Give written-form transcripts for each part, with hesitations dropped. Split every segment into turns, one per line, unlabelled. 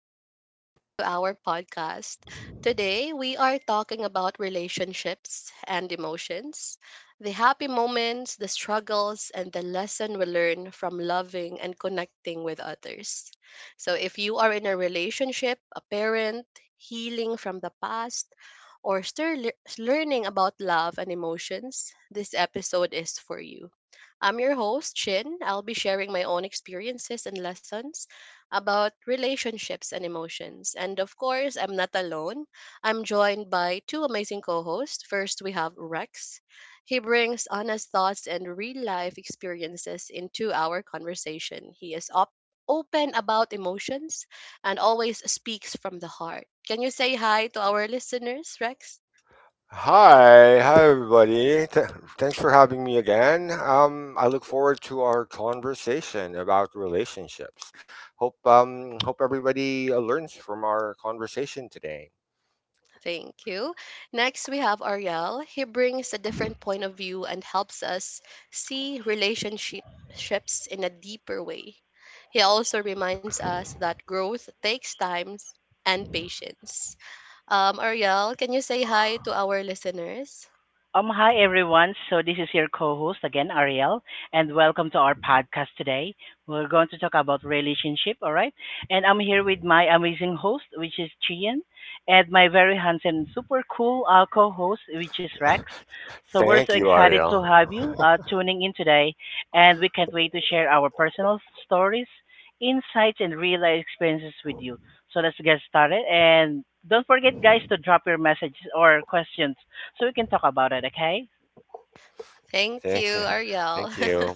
and welcome to our podcast. Today, we are talking about relationships and emotions, the happy moments, the struggles, and the lesson we learn from loving and connecting with others. So, if you are in a relationship, a parent, healing from the past, or still learning about love and emotions, this episode is for you. I'm your host, Chin. I'll be sharing my own experiences and lessons about relationships and emotions. And of course, I'm not alone. I'm joined by two amazing co hosts. First, we have Rex. He brings honest thoughts and real life experiences into our conversation. Open about emotions and always speaks from the heart. Can you say hi to our listeners, Rex?
Hi, hi everybody. Thanks for having me again. I look forward to our conversation about relationships. Hope hope everybody learns from our conversation today.
Thank you. Next, we have Ariel. He brings a different point of view and helps us see relationships in a deeper way. He also reminds us that growth takes time and patience. Ariel, can you say hi to our listeners?
Hi everyone. So this is your co-host again, Ariel, and welcome to our podcast today. We're going to talk about relationship, all right? And I'm here with my amazing host, which is Chian, and my very handsome, super cool co-host, which is Rex. So we're so
Thank you,
excited to
Ariel.
have you tuning in today, and we can't wait to share our personal stories, insights, and real life experiences with you. So let's get started, and don't forget, guys, to drop your messages or questions so we can talk about it, okay?
Thank you,
Thanks.
Ariel.
Thank you.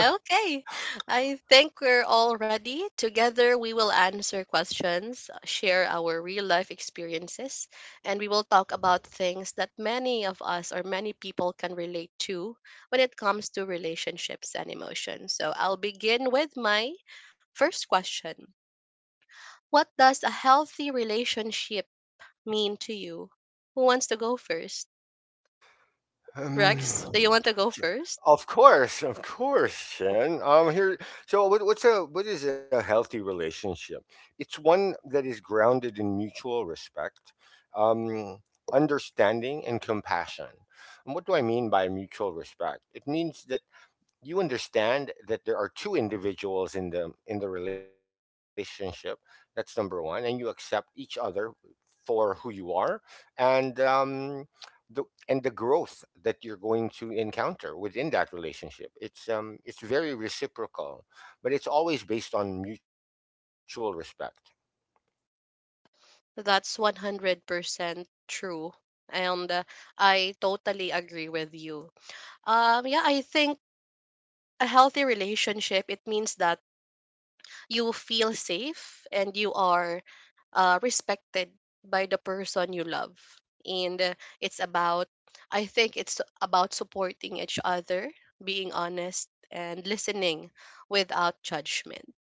Okay, I think we're all ready. Together, we will answer questions, share our real life experiences, and we will talk about things that many of us or many people can relate to when it comes to relationships and emotions. So, I'll begin with my first question. What does a healthy relationship mean to you? Who wants to go first?
Um,
Rex, do you want to go
Ch-
first?
of course, of course, Chen. Here. So, what is a healthy relationship? It's one that is grounded in mutual respect, um, understanding, and compassion. And what do I mean by mutual respect? It means that you understand that there are two individuals in the relationship. That's number one, and you accept each other for who you are, and the the growth that you're going to encounter within that relationship, it's very reciprocal, but it's always based on mutual respect.
So that's 100% true. And I totally agree with you. Yeah, I think a healthy relationship, it means that you feel safe and you are respected by the person you love. And it's about, I think it's about supporting each other, being honest, and listening without judgment.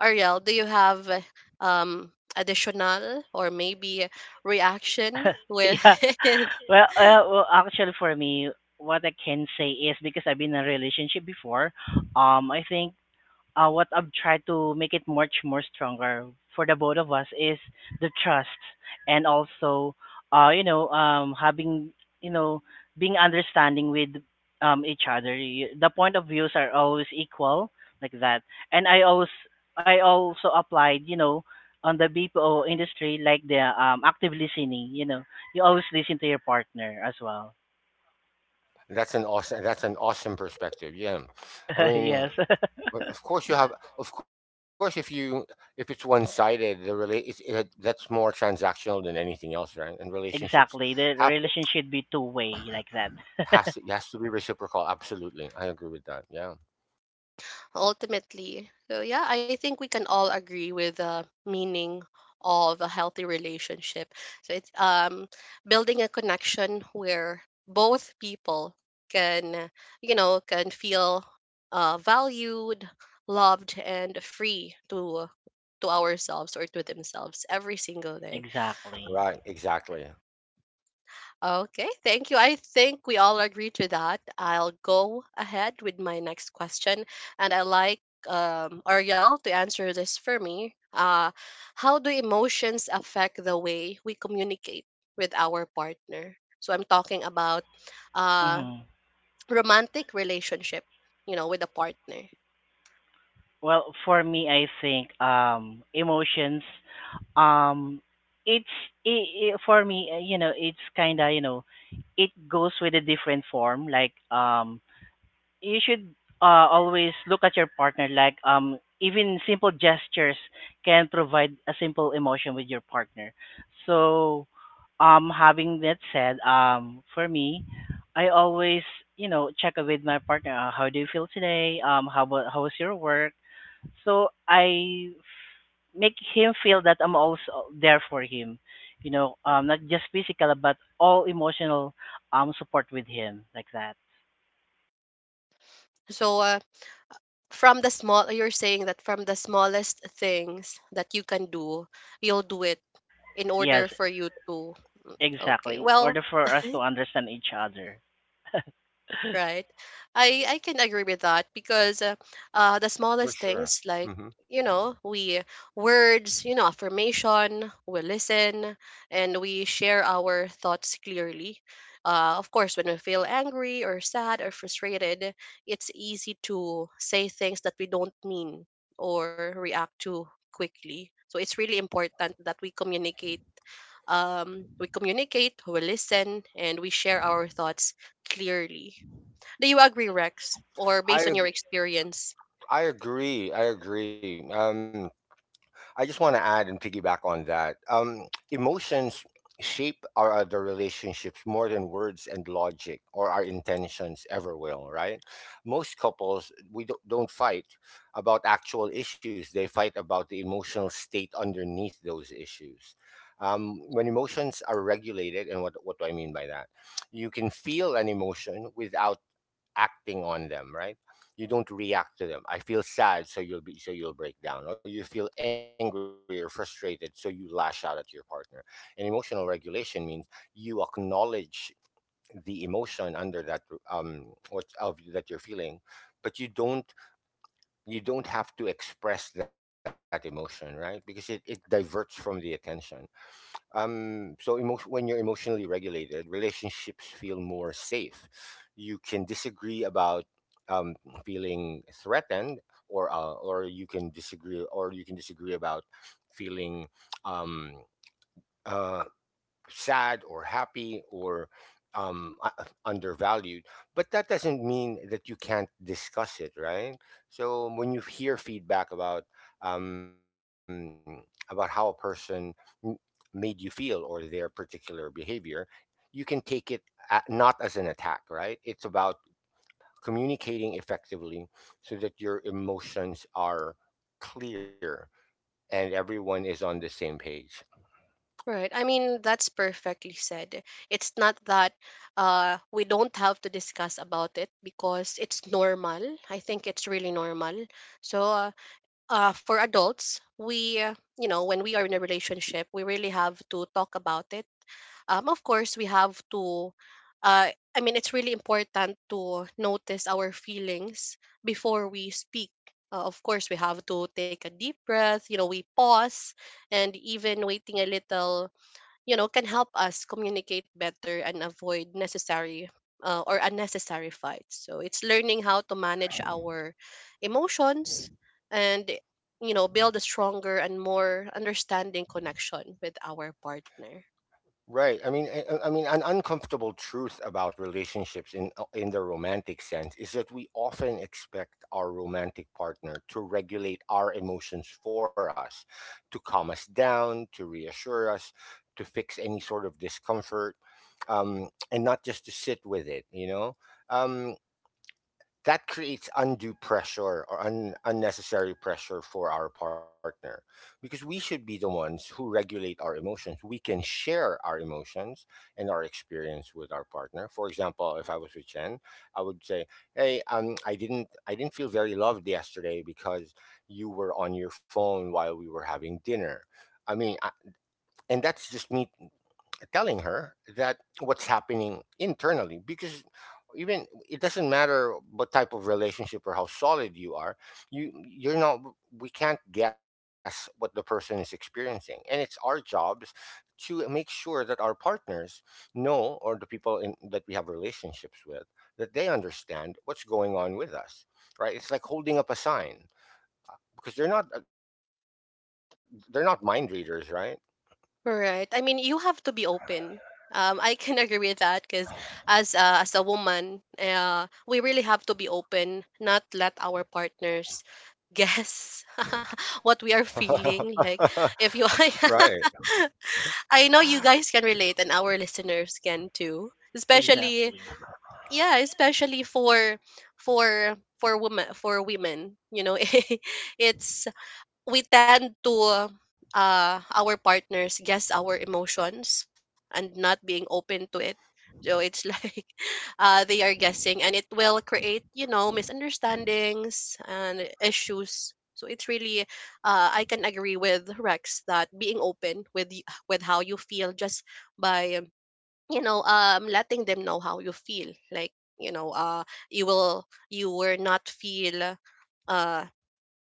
Ariel, do you have um additional or maybe reaction with
yeah. Well, actually, for me, what I can say is because I've been in a relationship before, I think what I've tried to make it much more stronger for the both of us is the trust, and also, having, you know being understanding with each other. The point of views are always equal like that, and I also applied, on the BPO industry, like the active listening. You know, you always listen to your partner as well.
That's an awesome, perspective. Yeah i
Yes.
mean Well, of course you have. Of course, if you if it's one sided, the rela- it's, it, that's more transactional than anything else, right? And relationships
Exactly. The
have to,
relationship should be two-way like that.
has to has to be reciprocal. Absolutely, I agree with that. Yeah,
ultimately? So yeah, I think we can all agree with the meaning of a healthy relationship. So it's building a connection where both people can, you know, can feel valued, loved, and free to ourselves or to themselves every single day.
Exactly.
right, exactly,
Okay, thank you. I think we all agree to that. I'll go ahead with my next question, and I like Ariel to answer this for me. How do emotions affect the way we communicate with our partner? So I'm talking about uh,
Hmm.
romantic relationship, you know, with a partner.
Well, for me, I think emotions. Um, it's for me, you know, it's kind of, it goes with a different form. Like, you should always look at your partner, like, um, even simple gestures can provide a simple emotion with your partner. So, um, having that said, um, for me, I always you know, check with my partner. How do you feel today? Um, how about, how was your work? So I make him feel that I'm also there for him. You know, um, not just physical but all emotional, um, support with him like that.
So from the small, you're saying that from the smallest things that you can do, you'll do it in
Yes.
order for you to. Mm.
Exactly.
Okay,
In
well.
order for us to understand each other.
Right. I can agree with that because the smallest
for
things
sure.
like, you
hmm
know, we words, you know, affirmation, we listen and we share our thoughts clearly. Of course, when we feel angry or sad or frustrated, it's easy to say things that we don't mean or react to quickly, so it's really important that we communicate. We communicate, we listen, and we share our thoughts clearly. Do you agree, Rex? Or based on your
I ag-
experience?
I agree. I agree. I just want to add and piggyback on that. Emotions shape our other relationships more than words and logic or our intentions ever will, right? Most couples, we don't fight about actual issues. They fight about the emotional state underneath those issues. When emotions are regulated, and what do I mean by that? You can feel an emotion without acting on them, right? You don't react to them. I feel sad, so you'll be so you'll break down, or you feel angry or frustrated, so you lash out at your partner. And emotional regulation means you acknowledge the emotion under that what of that you're feeling, but you don't have to express that emotion, right? Because it diverts from the attention. When you're emotionally regulated, relationships feel more safe. You can disagree about um, feeling threatened, or you can disagree about feeling um, uh, sad or happy or undervalued. But that doesn't mean that you can't discuss it, right? So when you hear feedback um, about how a person m- made you feel or their particular behavior, you can take it a not as an attack, right? It's about communicating effectively so that your emotions are clear and everyone is on the same page.
Right. I mean, that's perfectly said. It's not that we don't have to discuss about it because it's normal. I think it's really normal. So for adults, we, you know, when we are in a relationship, we really have to talk about it. Of course, we have to, uh, I mean, it's really important to notice our feelings before we speak. Of course, we have to take a deep breath, you know, we pause, and even waiting a little, you know, can help us communicate better and avoid necessary or unnecessary fights. So it's learning how to manage our emotions and, you know, build a stronger and more understanding connection with our partner.
Right. I mean, an uncomfortable truth about relationships in the romantic sense is that we often expect our romantic partner to regulate our emotions for us, to calm us down, to reassure us, to fix any sort of discomfort, and not just to sit with it. You know, um, that creates undue pressure or unnecessary pressure for our partner, because we should be the ones who regulate our emotions. We can share our emotions and our experience with our partner. For example, if I was with Chen, I would say, "Hey, I didn't feel very loved yesterday because you were on your phone while we were having dinner." I mean, I, and that's just me telling her that what's happening internally, because even it doesn't matter what type of relationship or how solid you are, you you're not we can't guess what the person is experiencing, and it's our jobs to make sure that our partners know, or the people that we have relationships with, that they understand what's going on with us. Right? It's like holding up a sign, because they're not mind readers, right?
Right. I mean, you have to be open. I can agree with that because as a woman, we really have to be open, not let our partners guess what we are feeling. Like if you,
Right.
I know you guys can relate, and our listeners can too. Especially,
Exactly.
yeah, especially for women, for women. You know, it's, we tend to our partners guess our emotions and not being open to it, so it's, like, they are guessing and it will create, you know, misunderstandings and issues, so it's really, I can agree with Rex that being open with with how you feel, just by, you know, letting them know how you feel, like, you know, you will, you will not feel uh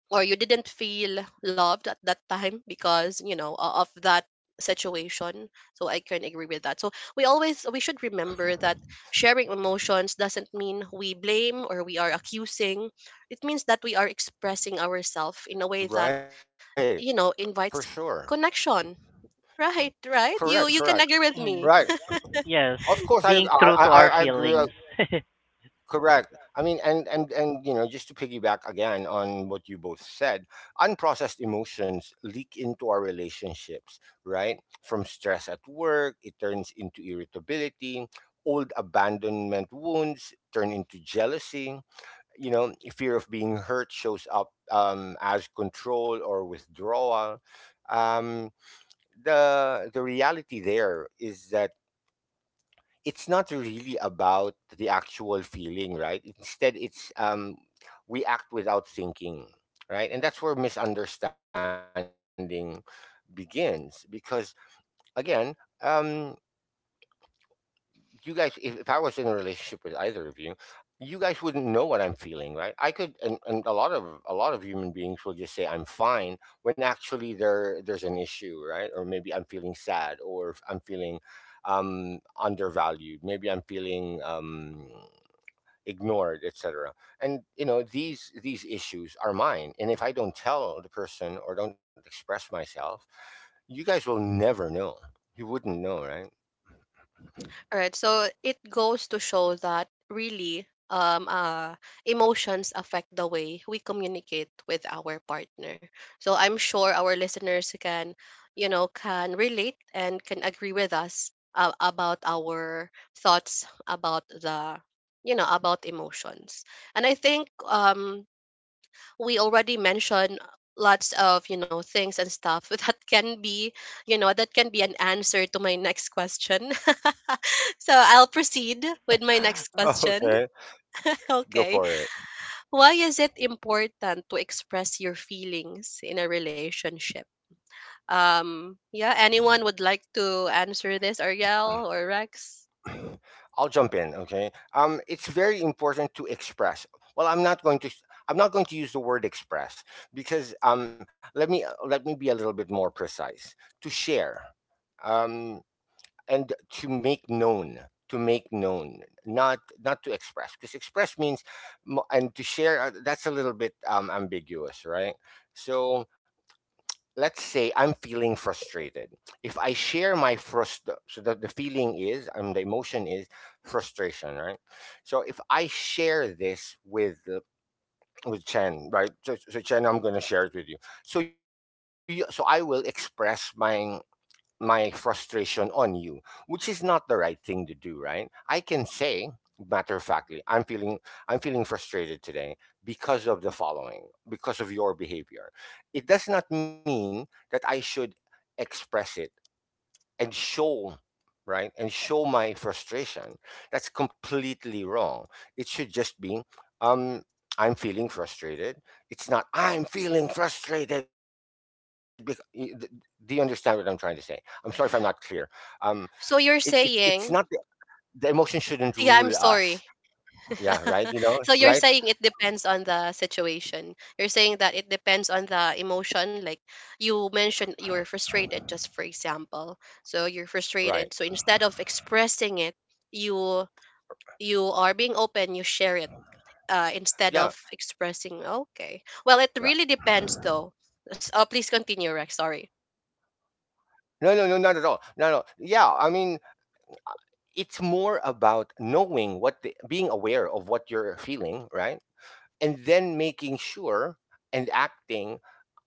or you didn't feel loved at that time because, you know, of that situation. So I can agree with that. So we always, we should remember that sharing emotions doesn't mean we blame or we are accusing. It means that we are expressing ourselves in a way that,
Right,
you know,
for
invites
sure.
connection, right?
Correct,
Right,
correct.
you can agree with
Right.
Mm.
me.
Of
Yes,
course,
being true to
I
our
agree.
feelings.
Correct. I mean, and you know, just to piggyback again on what you both said, unprocessed emotions leak into our relationships. Right, from stress at work, it turns into irritability. Old abandonment wounds turn into jealousy. You know, fear of being hurt shows up as control or withdrawal. Um, the the reality there is that it's not really about the actual feeling. Right, instead it's we act without thinking, right? And that's where misunderstanding begins, because again, um you guys, if I was in a relationship with either of you, you guys wouldn't know what I'm feeling. Right? I could, and a lot of human beings will just say I'm fine when actually there's an issue. Right? Or maybe I'm feeling sad, or if I'm feeling undervalued, maybe I'm feeling ignored, etc. And you know, these issues are mine, and if I don't tell the person or don't express myself, you guys will never know. You wouldn't know, right?
Alright, so it goes to show that really emotions affect the way we communicate with our partner. So I'm sure our listeners can, you know, can relate and can agree with us about our thoughts about the, you know, about emotions. And I think we already mentioned lots of, you know, things and stuff that can be, you know, that can be an answer to my next question. So I'll proceed with my next question.
Okay. Go for
Okay,
it.
why is it important to express your feelings in a relationship? Yeah, anyone would like to answer this, Ariel or Rex?
I'll jump in. Okay. It's very important to express. Well, I'm not going to. I'm not going to use the word express, because let me be a little bit more precise. To share, um, and to make known, to make known, not to express, because express means, mo- and to share. That's a little bit ambiguous, right? So let's say I'm feeling frustrated. If I share my frust, so that the feeling is, the emotion is frustration, right? So if I share this with Chen, right? So, so Chen, I'm gonna share it with you. So you, so I will express my frustration on you, which is not the right thing to do, right? I can say, matter of factly, I'm feeling frustrated today because of the following, because of your behavior. It does not mean that I should express it and show, right, and show my frustration. That's completely wrong. It should just be um I'm feeling frustrated. It's not I'm feeling frustrated because— Do you understand what I'm trying to say? I'm sorry if I'm not clear. um
So you're
it's not the—
saying,
The emotion shouldn't rule
yeah, I'm
us.
sorry.
Yeah, right, you know,
So
right.
you're saying it depends on the situation. You're saying that it depends on the emotion. Like you mentioned, you were frustrated, just for example. So you're
Right.
frustrated. So instead of expressing it, you you are being open. You share it, instead
Yeah,
of expressing. Okay. Well, it
right.
really depends, though. Please continue, Rex. Sorry.
No, not at all. No no Yeah, I mean, it's more about knowing what— the being aware of what you're feeling, right? And then making sure, and acting,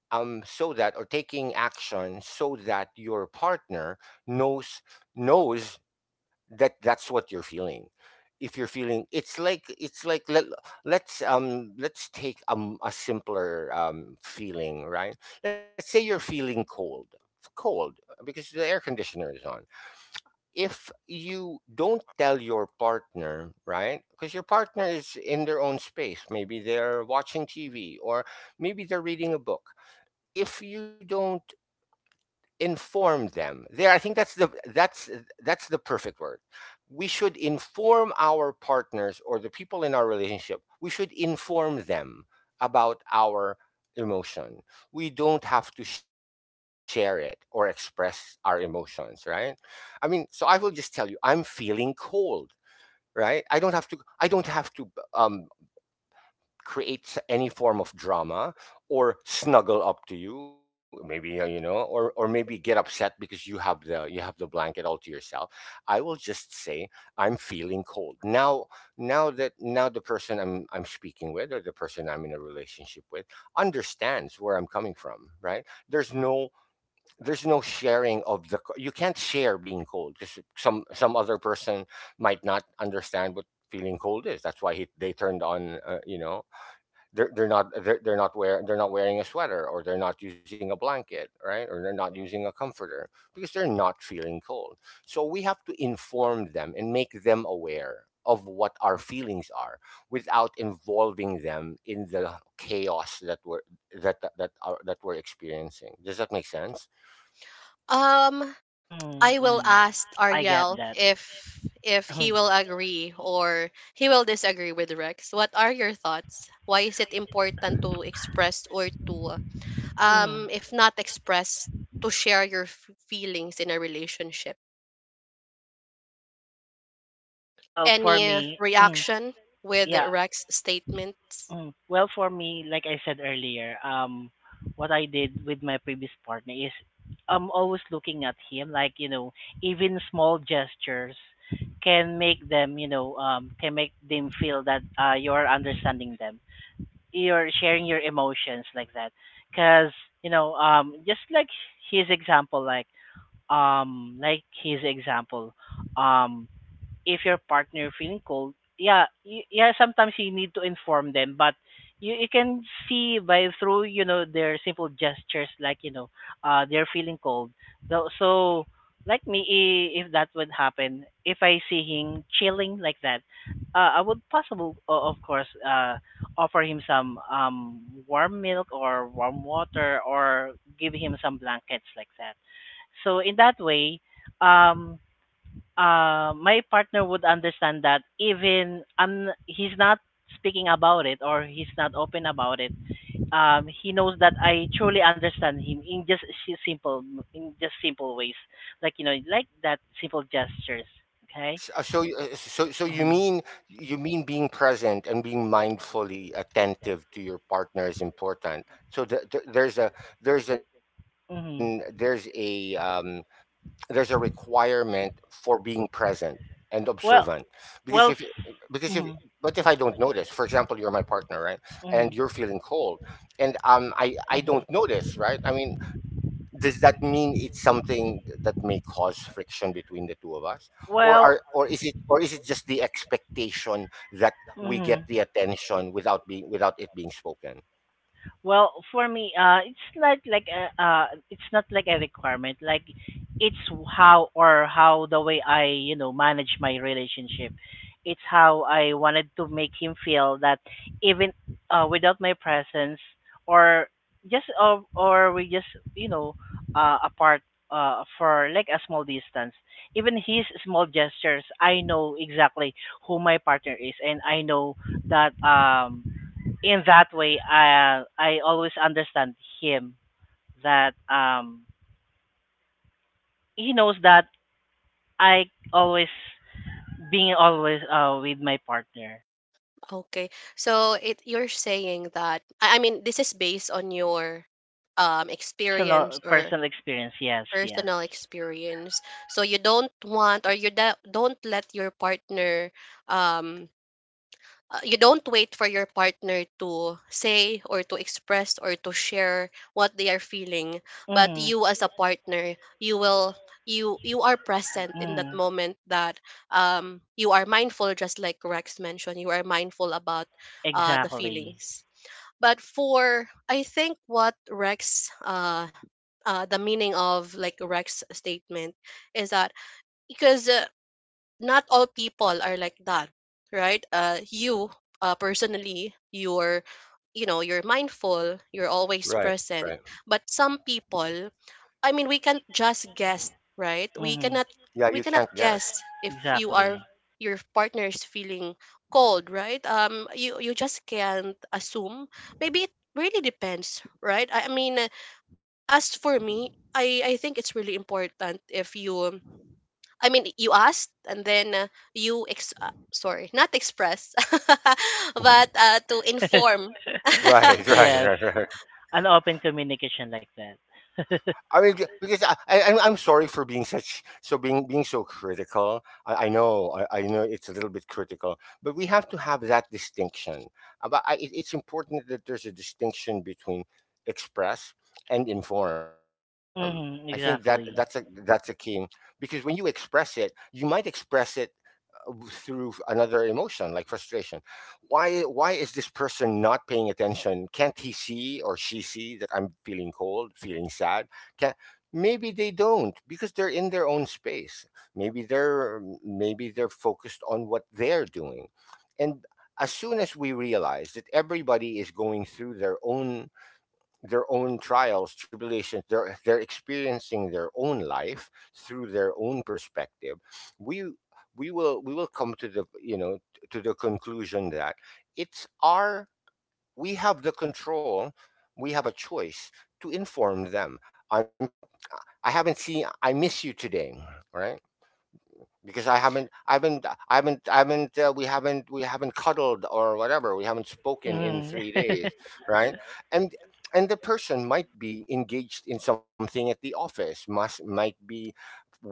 so that, or taking action so that your partner knows, knows that that's what you're feeling. If you're feeling— it's like, let's take a simpler feeling, right? Let's say you're feeling cold, cold because the air conditioner is on. If you don't tell your partner, right? Because your partner is in their own space. Maybe they're watching TV, or maybe they're reading a book. If you don't inform them— there, I think that's the perfect word. We should inform our partners or the people in our relationship. We should inform them about our emotion. We don't have to share it or express our emotions, right? I mean, so I will just tell you I'm feeling cold, right? I don't have to, um create any form of drama, or snuggle up to you, maybe, you know, or maybe get upset because you have the— you have the blanket all to yourself. I will just say I'm feeling cold. Now now that now the person I'm speaking with, or the person I'm in a relationship with, understands where I'm coming from, right? There's no— there's no sharing of the— you can't share being cold, because some other person might not understand what feeling cold is. That's why they turned on, you know, they're not wearing a sweater, or they're not using a blanket, right, or they're not using a comforter, because they're not feeling cold. So we have to inform them and make them aware of what our feelings are, without involving them in the chaos that we're that that, that are that we're experiencing. Does that make sense?
Um.
Mm,
I will
mm.
ask
I get
Ariel
that.
if he will agree or he will disagree with Rex. What are your thoughts? Why is it important to express or to,
Mm.
if not express, to share your feelings in a relationship?
Well, for
Any
me, mm,
reaction with
yeah.
Rex's statements?
Mm. Well, for me, like I said earlier, what I did with my previous partner is I'm always looking at him, like, you know, even small gestures can make them, you know, can make them feel that, you're understanding them, you're sharing your emotions like that. Because, you know, just like his example, um, like his example, um, if your partner feeling cold, yeah, yeah, sometimes you need to inform them, but you can see by through, you know, their simple gestures, like, you know, uh, they're feeling cold. So, so like me, if that would happen, if I see him chilling like that, I would possible of course, uh, offer him some, um, warm milk or warm water, or give him some blankets like that. So in that way, um my partner would understand that, even I'm he's not speaking about it or he's not open about it. He knows that I truly understand him in just simple ways, like, you know, like that simple gestures. Okay.
So you
Hmm.
mean— you mean being present and being mindfully attentive to your partner is important. So th th there's a— there's an— there's
Hmm.
a um, there's a requirement for being present and observant,
Well,
because if
well.
because if
Mm-hmm.
but if I don't notice, for example— you're my partner, right? And you're feeling cold, and I don't
Hmm.
notice, right? I mean, does that mean it's something that may cause friction between the two of us? Or are
Well.
or is it, or is it just the expectation that we get
Hmm.
the attention without being without it being spoken?
Well, for me, it's not like a requirement. Like, it's how, or how the way I, you know, manage my relationship. It's how I wanted to make him feel that even, without my presence, or just or we just you know, apart, for like a small distance. Even his small gestures, I know exactly who my partner is, and I know that, um, in that way, I always understand him, that um, he knows that I always being always, uh, with my partner.
Okay. So it, you're saying that, I mean, this is based on your
Personal,
experience, or
personal experience, yes, yes.
personal experience. So you don't want, or you don't let your partner um you don't wait for your partner to say or to express or to share what they are feeling, but
Mhm.
you as a partner you will, you are present in that
Mhm,
moment, that you are mindful. Just like Rex mentioned, you are mindful about the
exactly.
feelings. But for, I think what Rex, the meaning of like Rex's statement, is that because, not all people are like that, right? You, personally, you're, you know, you're mindful, you're always
Right,
present,
right.
but some people, I mean, we can't just guess, right? We
Mhm,
cannot
Yeah,
we
you
cannot
can't
guess
guess.
if you
exactly.
are, your partner is feeling cold, right? You, you just can't assume. Maybe it really depends, right? I mean, as for me, I think it's really important if you. I mean, you asked and then, you ex. Sorry, not express, but to inform.
Right,
Yes,
right, right, right.
an open communication like that.
I mean, because I'm— I'm sorry for being such— so being so critical. I know, I know it's a little bit critical, but we have to have that distinction. It's important that there's a distinction between express and inform. I think that
Mhm,
that's a that's a
exactly.
key, because when you express it, you might express it through another emotion like frustration. Why is this person not paying attention? Can't he see or she see that I'm feeling cold, feeling sad? Can Maybe they don't, because they're in their own space. Maybe they're focused on what they're doing. And as soon as we realize that everybody is going through their own trials, tribulations, they're experiencing their own life through their own perspective. We we will come to the, you know, to the conclusion that it's our we have the control, we have a choice to inform them. I'm I haven't seen I miss you today, right? Because I haven't, we haven't cuddled or whatever. We haven't spoken
Mhm.
in 3 days, right? And and the person might be engaged in something at the office, must might be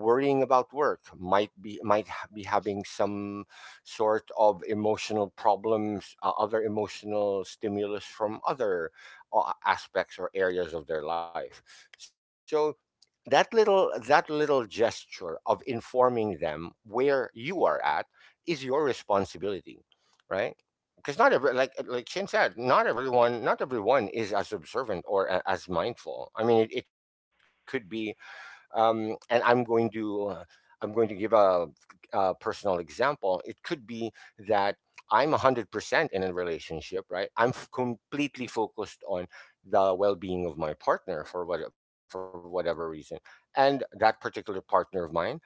worrying about work, might be be having some sort of emotional problems, other emotional stimulus from other aspects or areas of their life. So that little gesture of informing them where you are at is your responsibility, right? Because not every like Chin said, not everyone, is as observant or as mindful. I mean, it could be and I'm going to give a personal example. It could be that I'm 100% in a relationship, right? Completely focused on the well-being of my partner for what for whatever reason, and that particular partner of mine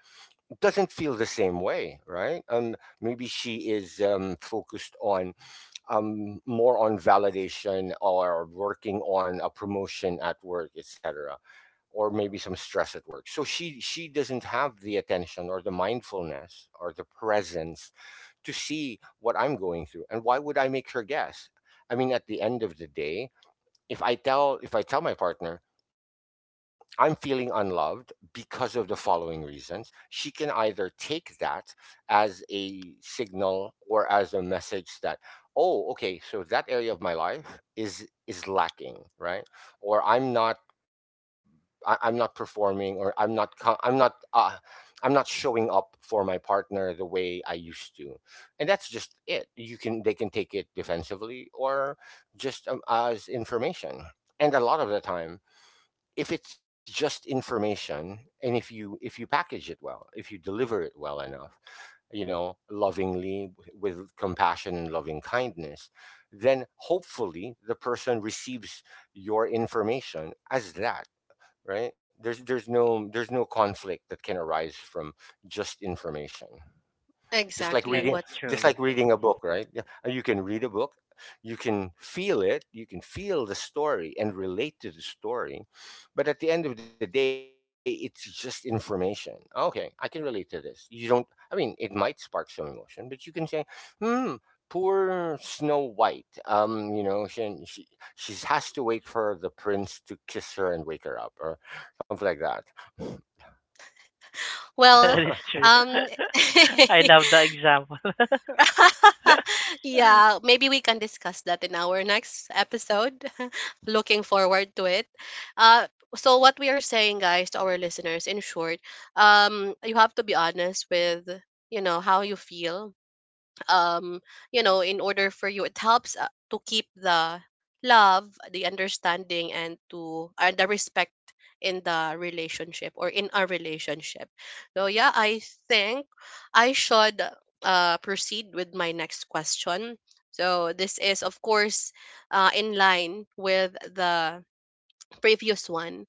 doesn't feel the same way, right? Maybe she is focused on more on validation or working on a promotion at work, etc., or maybe some stress at work. So she doesn't have the attention or the mindfulness or the presence to see what I'm going through. And why would I make her guess? I mean, at the end of the day, if I tell my partner I'm feeling unloved because of the following reasons, she can either take that as a signal or as a message that, oh, okay, so that area of my life is lacking, right? Or I'm not I'm not performing, or I'm not showing up for my partner the way I used to, and that's just it. You can They can take it defensively, or just as information, and a lot of the time, if it's just information, and if you package it well, if you deliver it well enough, you know, lovingly with compassion and loving kindness, then hopefully the person receives your information as that, right? There's no conflict that can arise from just information. just like
That
Exactly
reading
is
what.
just
true.
like reading a book, right? Yeah, you can read a book, you can feel it, you can feel the story and relate to the story, but at the end of the day it's just information. Okay, I can relate to this, you don't. I mean, it might spark some emotion, but you can say, hmm, poor Snow White, you know, she, she has to wait for the prince to kiss her and wake her up, or something like that.
Well,
That is true.
um.
I love the example.
Yeah, maybe we can discuss that in our next episode. Looking forward to it. Uh, so what we are saying, guys, to our listeners, in short, you have to be honest with, you know, how you feel, um you know, in order for you, it helps to keep the love, the understanding, and to and the respect in the relationship, or in our relationship. So yeah, I think I should proceed with my next question. So this is, of course, in line with the previous one.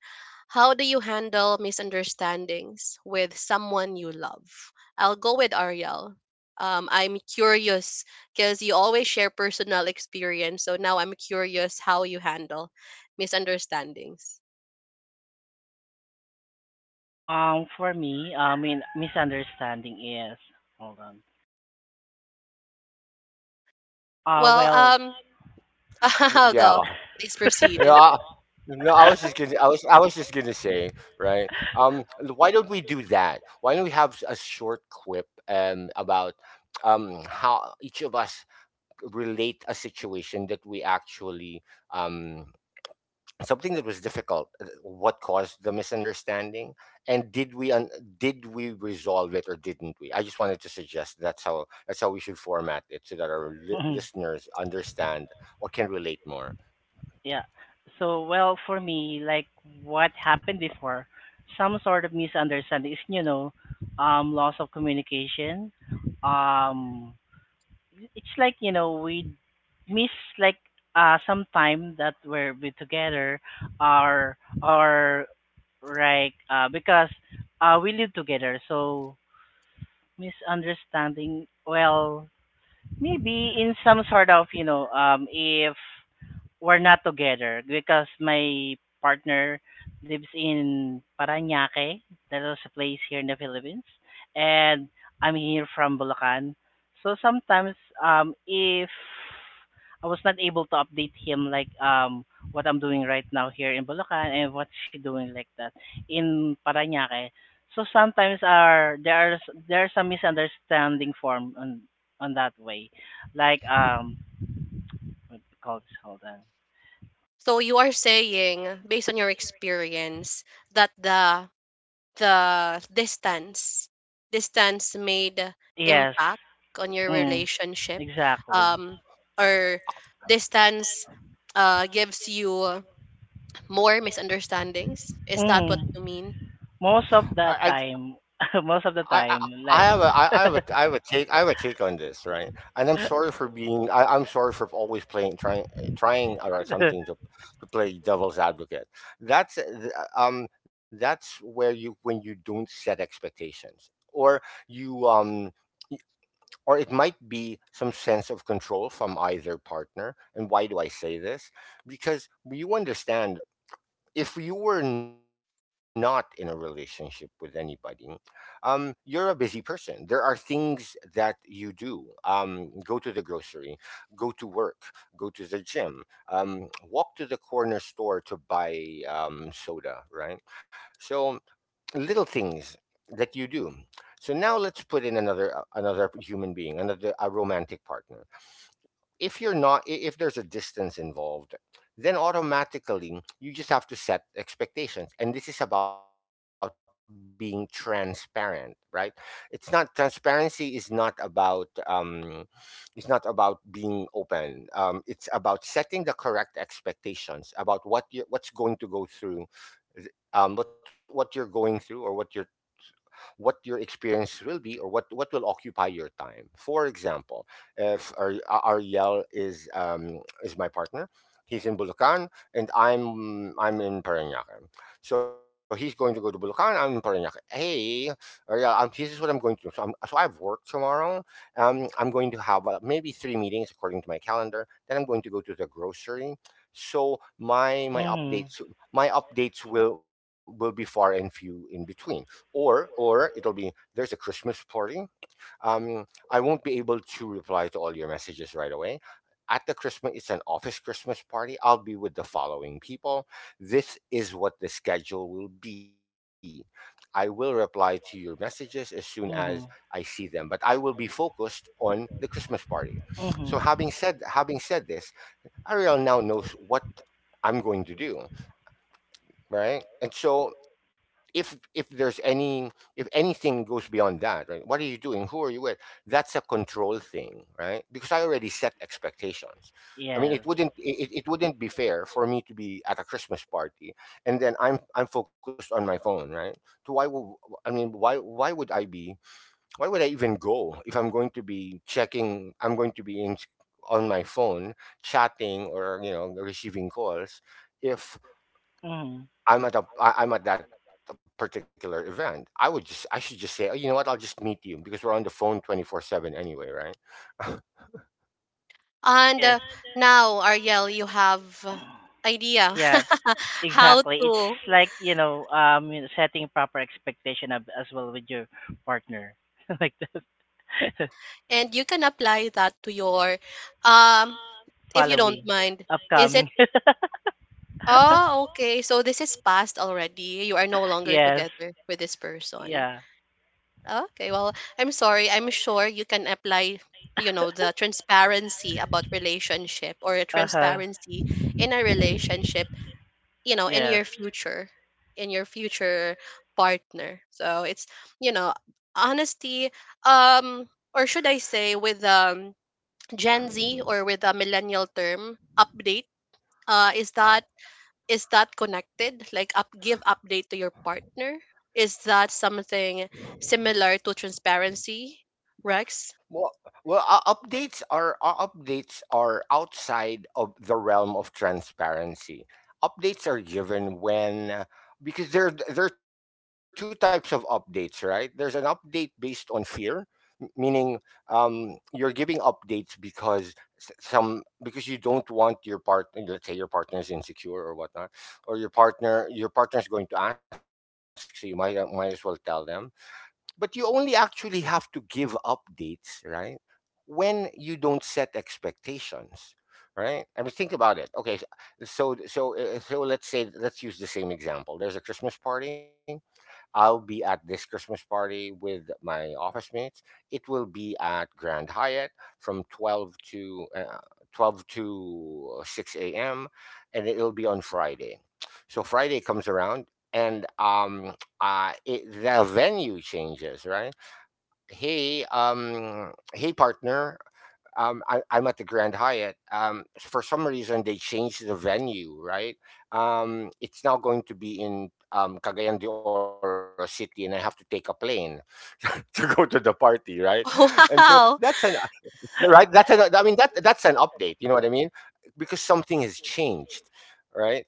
How do you handle misunderstandings with someone you love? I'll go with Ariel. I'm curious because you always share personal experience. So now I'm curious how you handle misunderstandings.
Um, for me, I mean, misunderstanding is, hold on.
Well,
Well,
I'll
Yeah.
go. Please
No,
proceed.
I, no, I was just gonna, I was just gonna say, right? Why don't we do that? Why don't we have a short quip about how each of us relate a situation that we actually um something that was difficult. What caused the misunderstanding, and did we resolve it or didn't we? I just wanted to suggest that's how we should format it so that our
Mhm.
listeners understand or can relate more.
Yeah. So, well, for me, like, what happened before, some sort of misunderstanding is, you know, loss of communication, um, it's like, you know, we miss, like, uh, some time that we're we together, or or like, uh, because, uh, we live together. So misunderstanding, well, maybe in some sort of, you know, um, if we're not together because my partner lives in Parañaque. That is a place here in the Philippines. And I'm here from Bulacan. So sometimes, um, if I was not able to update him, like, um, what I'm doing right now here in Bulacan, and what she doing like that in Parañaque. So sometimes, are there's some misunderstanding form on that way. Like, um, what do you call this? Hold on.
So you are saying, based on your experience, that the distance, distance made
Yes.
impact on your
Mm.
relationship,
Exactly.
um or distance gives you more misunderstandings, is that
Mm.
what you mean?
Most of the
I,
time, most of the time, like.
I have a take, on this, right? And I'm sorry for being, I'm sorry for always playing, trying or attempting to play devil's advocate. That's, uh, that's where you, when you don't set expectations, or you, y- or it might be some sense of control from either partner. And why do I say this? Because you understand if you were not in a relationship with anybody, you're a busy person. There are things that you do: go to the grocery, go to work, go to the gym, walk to the corner store to buy soda. Right? So little things that you do. So now let's put in another another human being, another a romantic partner. If there's a distance involved, then automatically you just have to set expectations, and this is about being transparent, right? It's not transparency is not about, it's not about being open, it's about setting the correct expectations about what's going to go through, what you're going through, or what you're what your experience will be, or what will occupy your time. For example, if Ariel is my partner, he's in Bulacan and I'm in Parañaque. So he's going to go to Bulacan, I'm in Parañaque. Hey, Ariel, this is what I'm going to do. So, I have work tomorrow. I'm going to have maybe three meetings according to my calendar. Then I'm going to go to the grocery. So
Mhm.
my updates will be far and few in between, or it'll be, there's a Christmas party, um I won't be able to reply to all your messages right away. At the Christmas, it's an office Christmas party, I'll be with the following people, this is what the schedule will be, I will reply to your messages as soon as I
Mhm.
see them, but I will be focused on the Christmas party. So
Mhm.
having said this, Ariel now knows what I'm going to do, right? And so if there's any if anything goes beyond that, right? What are you doing? Who are you with? That's a control thing, right? Because I already set expectations. I mean,
Yes.
it wouldn't be fair for me to be at a Christmas party and then I'm focused on my phone, right? So why would, I mean, why would I be, why would I even go if I'm going to be in on my phone chatting or, you know, receiving calls, if
Mhm.
I'm at that particular event? I would just, I should just say, oh, you know what, I'll just meet you, because we're on the phone 24/7 anyway, right?
And
Yes.
now Ariel, you have idea
Yeah.
how
Exactly.
to,
It's like, you know, setting proper expectation as well with your partner, like that.
and you can apply that to your um if you don't
Following,
mind, is
upcoming.
it, oh okay, so this is past already, you are no longer
Yes.
together with this person.
Yeah.
Okay, well, I'm sorry. I'm sure you can apply, you know, the transparency about relationship, or a
Uh huh.
transparency in a relationship, you know,
Yes.
in your future partner. So it's, you know, honesty, um, or should I say, with Gen Z or with a millennial term, update, is that, is that connected? Like up, give update to your partner? Is that something similar to transparency, Rex?
Well, updates are, updates are outside of the realm of transparency. Updates are given when, because there are two types of updates, right? There's an update based on fear, meaning you're giving updates because s- some because you don't want your partner, let's say your partner is insecure or whatnot, or your partner's going to ask, so you might as well tell them. But you only actually have to give updates, right, when you don't set expectations, right? I mean, think about it. Okay, so let's say, let's use the same example. There's a Christmas party, I'll be at this Christmas party with my office mates, it will be at Grand Hyatt from 12 to 12 to 6 a.m., and it'll be on Friday. So Friday comes around, and the venue changes, right? Hey, hey partner. I'm at the Grand Hyatt. For some reason, they changed the venue, right? It's now going to be in Cagayan de Oro City, and I have to take a plane to go to the party, right? And so that's an
Wow.
that's an, I mean, that's an update, you know what I mean, because something has changed, right?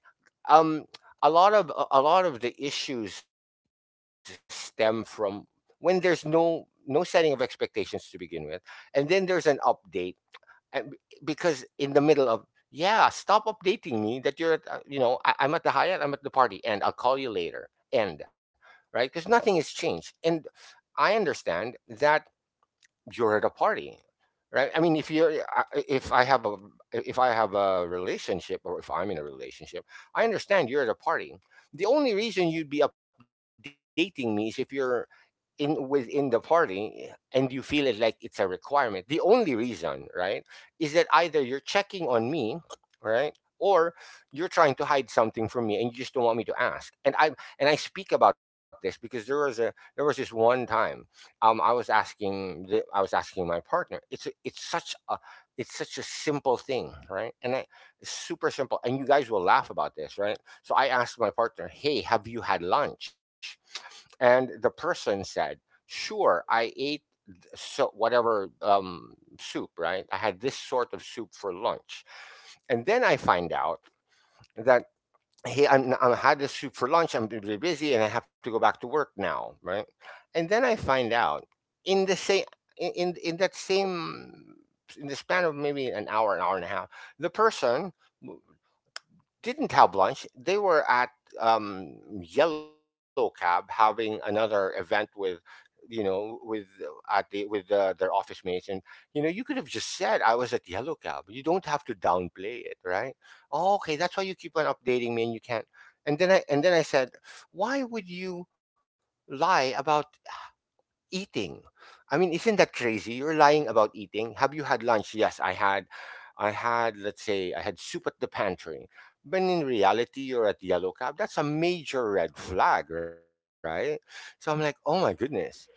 um a lot of a lot of the issues stem from when there's no setting of expectations to begin with, and then there's an update, and b- because in the middle of, yeah, stop updating me that you're at you know, I'm at the Hyatt, I'm at the party, and I'll call you later, end. Right, because nothing has changed, and I understand that you're at a party, right? I mean, if you're if I have a if I have a relationship, or if I'm in a relationship, I understand you're at a party. The only reason you'd be updating me is if you're in, within the party, eh, and you feel it like it's a requirement. The only reason, right, is that either you're checking on me, right, or you're trying to hide something from me and you just don't want me to ask. And I speak about this because there was a, there was this one time, I was asking the, I was asking my partner. It's a, it's such a, it's such a simple thing, right? And I, it's super simple. And you guys will laugh about this, right? So I asked my partner, "Hey, have you had lunch?" And the person said, "Sure, I ate so whatever soup, right? I had this sort of soup for lunch." And then I find out that, hey, I had this soup for lunch, I'm really busy and I have to go back to work now, right? And then I find out in the same, in that same, in the span of maybe an hour, an hour and a half, the person didn't have lunch. They were at Yellow Cab having another event with, you know, with at the, with their office mates. And you know, you could have just said, "I was at Yellow Cab." You don't have to downplay it, right? Oh, okay, that's why you keep on updating me, and you can't. And then I said, "Why would you lie about eating?" I mean, isn't that crazy? You're lying about eating. Have you had lunch? Yes, I had. I had, let's say, I had soup at the pantry. But in reality, you're at Yellow Cab. That's a major red flag, right? So I'm like, oh my goodness.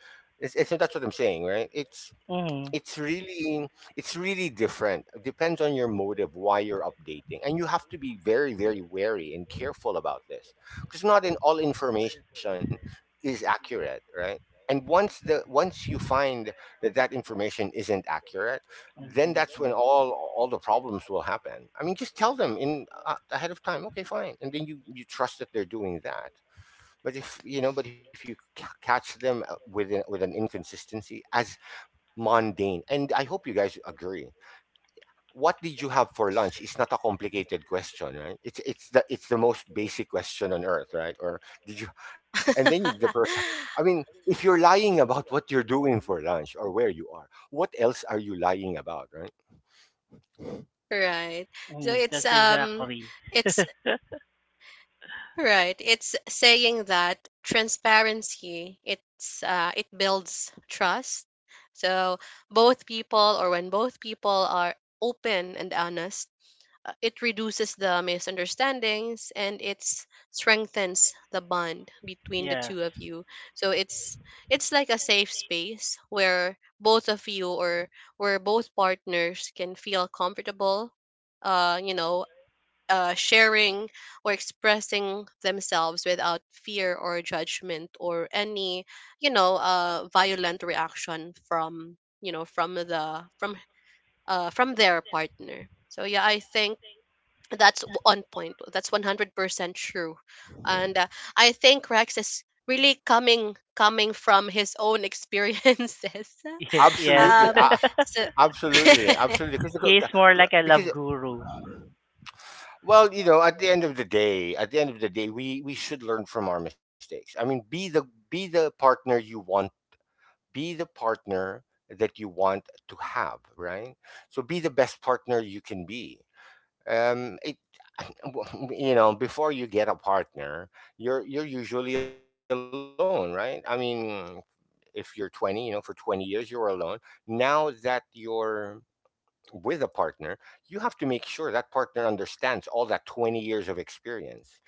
So that's what I'm saying, right? It's
Mm,
it's really, it's really different. It depends on your motive why you're updating, and you have to be very, very wary and careful about this, because not in all information is accurate, right? And once the once you find that that information isn't accurate, then that's when all the problems will happen. I mean, just tell them in ahead of time, okay, fine, and then you trust that they're doing that. But if you know but if you catch them with an inconsistency as mundane. And I hope you guys agree. What did you have for lunch? It's not a complicated question, right? It's the most basic question on earth, right? Or did you? And then the person. I mean, if you're lying about what you're doing for lunch or where you are, what else are you lying about, right?
Right. So
that's exactly.
it's right. It's saying that transparency it builds trust. So both people, or when both people are open and honest, it reduces the misunderstandings and it strengthens the bond between the
Yes.
two of you. So it's like a safe space where both of you, or where both partners can feel comfortable, uh you know sharing or expressing themselves without fear or judgment or any violent reaction from you know from the from their partner. So yeah, I think that's on point. That's 100% true. And uh, i think Rex is really coming from his own experiences.
Yes.
Absolutely,
um, so
absolutely, absolutely.
He's
Because
more like a love
because
guru.
well, you know, at the end of the day, at the end of the day, we should learn from our mistakes. I mean, be the, be the partner you want. Be the partner that you want to have, right? So be the best partner you can be. Um, it, you know, before you get a partner, you're usually alone, right? I mean, if you're 20, you know, for 20 years you were alone. Now that you're with a partner, you have to make sure that partner understands all that 20 years of experience.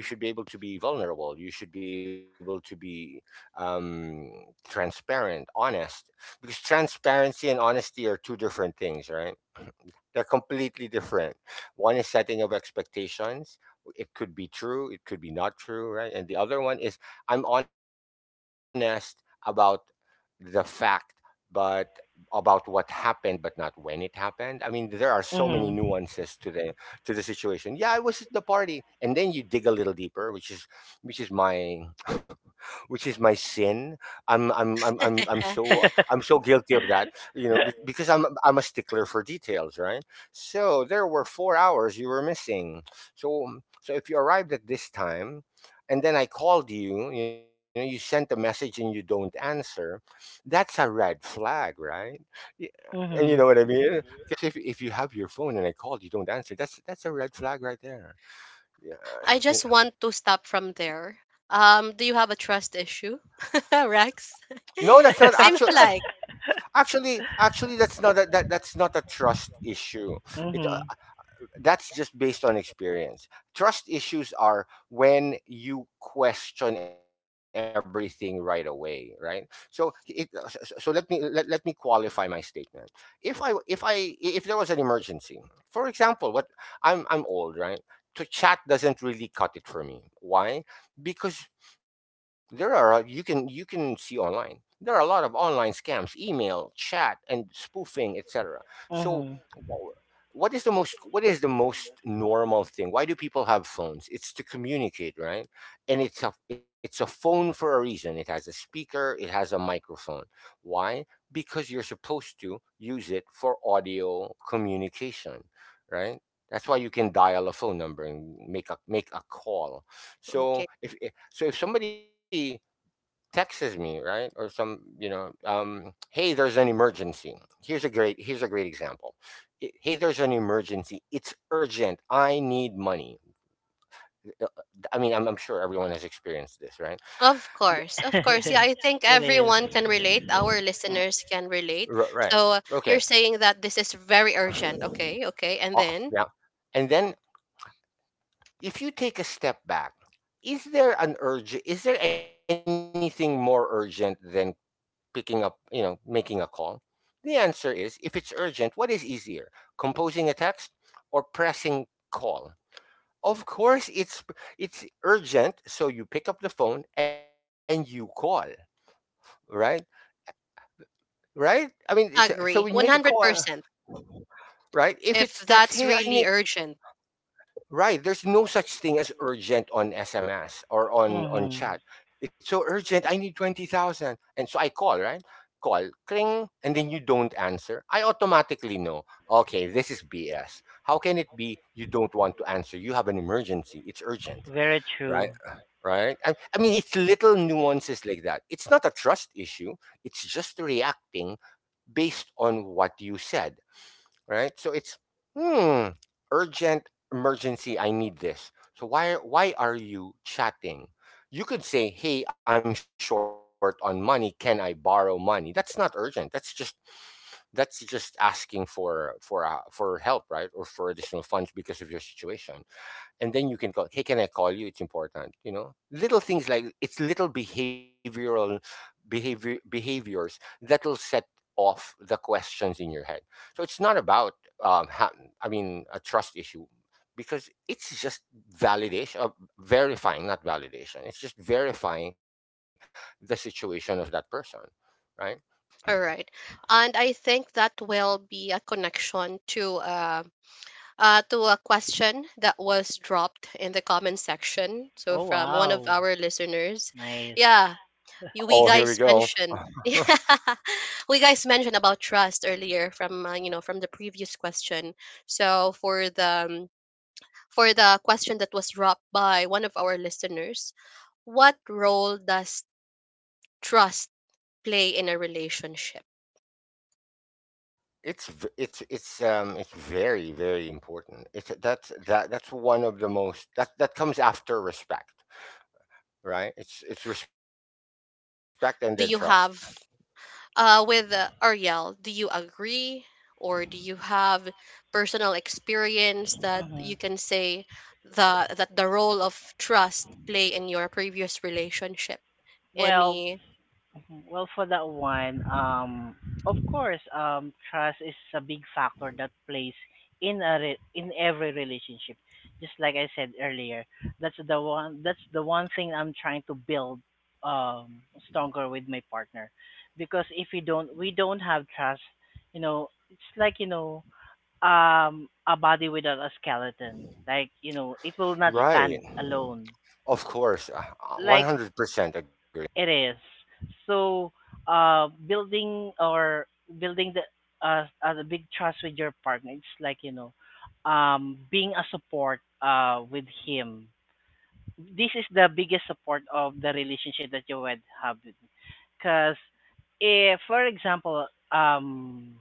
You should be able to be vulnerable, you should be able to be um, transparent, honest. Because transparency and honesty are two different things, right? they're completely different. One is setting of expectations. It could be true, it could be not true, right? And the other one is, I'm honest about the fact, but about what happened, but not when it happened. I mean, there are so many
Mm.
nuances to the, to the situation. Yeah, I was at the party, and then you dig a little deeper, which is, which is my, which is my sin. I'm so guilty of that, you know, because I'm a stickler for details, right? So there were 4 hours you were missing. So, so if you arrived at this time, and then I called you, you know, you sent a message and you don't answer, that's a red flag, right? Y- And you know what I
Mm.
mean? Because if you have your phone and I called, you don't answer, that's a red flag right there. Yeah.
I
Yeah.
just want to stop from there. Um, do you have a trust issue, rex?
No, that's not
seems
actual.
like.
Actually, actually, that's not a, that, that's not a trust issue. It,
Mhm.
that's just based on experience. Trust issues are when you question everything right away, right? So it, so, so let me let, let me qualify my statement. If I, if I, if there was an emergency, for example, what, I'm old, right? To chat doesn't really cut it for me. Why? Because there are you can, you can see online. There are a lot of online scams, email, chat, and spoofing, etc. So
Mhm.
what is the most, what is the most normal thing? Why do people have phones? It's to communicate, right? And it's a, it's a phone for a reason. It has a speaker, it has a microphone. Why? Because you're supposed to use it for audio communication, right? That's why you can dial a phone number and make a, make a call.
Okay.
So if so if somebody texts me, right, or some, you know, hey, there's an emergency, here's a great, here's a great example. Hey, there's an emergency, it's urgent, I need money. Uh, uh, I mean, I'm sure everyone has experienced this, right?
Of
Y-
course, of course. Yeah, I think
It is.
everyone can relate. Our listeners can relate.
right.
So
Okay.
you're saying that this is very urgent. Okay,
uh,
okay. And then
yeah. And then, if you take a step back, is there an urge, is there anything more urgent than picking up, you know, making a call? The answer is, if it's urgent, what is easier, composing a text or pressing call? Of course, it's urgent, so you pick up the phone and you call, right? Right? I mean, it's, so when you make a
agree,
call,
100%,
right? If it's
if
text, hey, I
that's
need,
really urgent.
right. There's no such thing as urgent on SMS or on
Mhm.
chat. It's so urgent, I need 20,000. And so I call, right? Call, cling, and then you don't answer. I automatically know, okay, this is BS. How can it be you don't want to answer? You have an emergency, it's urgent,
Very true.
right? Right? I mean, it's little nuances like that. It's not a trust issue. It's just reacting based on what you said, right? So it's, hmm, urgent emergency, I need this. So why are you chatting? You could say, "Hey, I'm short on money. Can I borrow money?" That's not urgent. That's just, that's just asking for, for help, right? Or for additional funds because of your situation, and then you can call, hey, can I call you, it's important. You know, little things like, it's little behavioral, behaviors that'll set off the questions in your head. So it's not about um ha- I mean, a trust issue, because it's just validation, verifying, not validation, it's just verifying the situation of that person, right?
All right. And I think that will be a connection to a question that was dropped in the comment section. So
Oh
from one of
wow.
our listeners,
Nice.
yeah,
Uh-oh, here we
we
go.
guys mentioned, yeah, we guys mentioned about trust earlier from you know, from the previous question. So for the question that was dropped by one of our listeners, what role does trust play in a relationship?
It's, it's very, very important. It's that's, that, that's one of the most, that, that comes after respect, right? It's respect and then trust,
Do you have with Ariel, do you agree or do you have personal experience that you
Mhm.
can say the that the role of trust play in your previous relationship?
Well,
Any.
well, for that one, of course, trust is a big factor that plays in every relationship. Just like I said earlier, that's the one thing I'm trying to build, um, stronger with my partner, because if you don't we don't have trust, you know, it's like, you know, um, a body without a skeleton. Like, you know, it will not
right?
stand alone.
Of course, one
Like,
hundred percent agree.
it is. So, uh, building or building the, the big trust with your partner, it's like, you know, being a support, uh, with him. This is the biggest support of the relationship that you would have, because if, for example, um,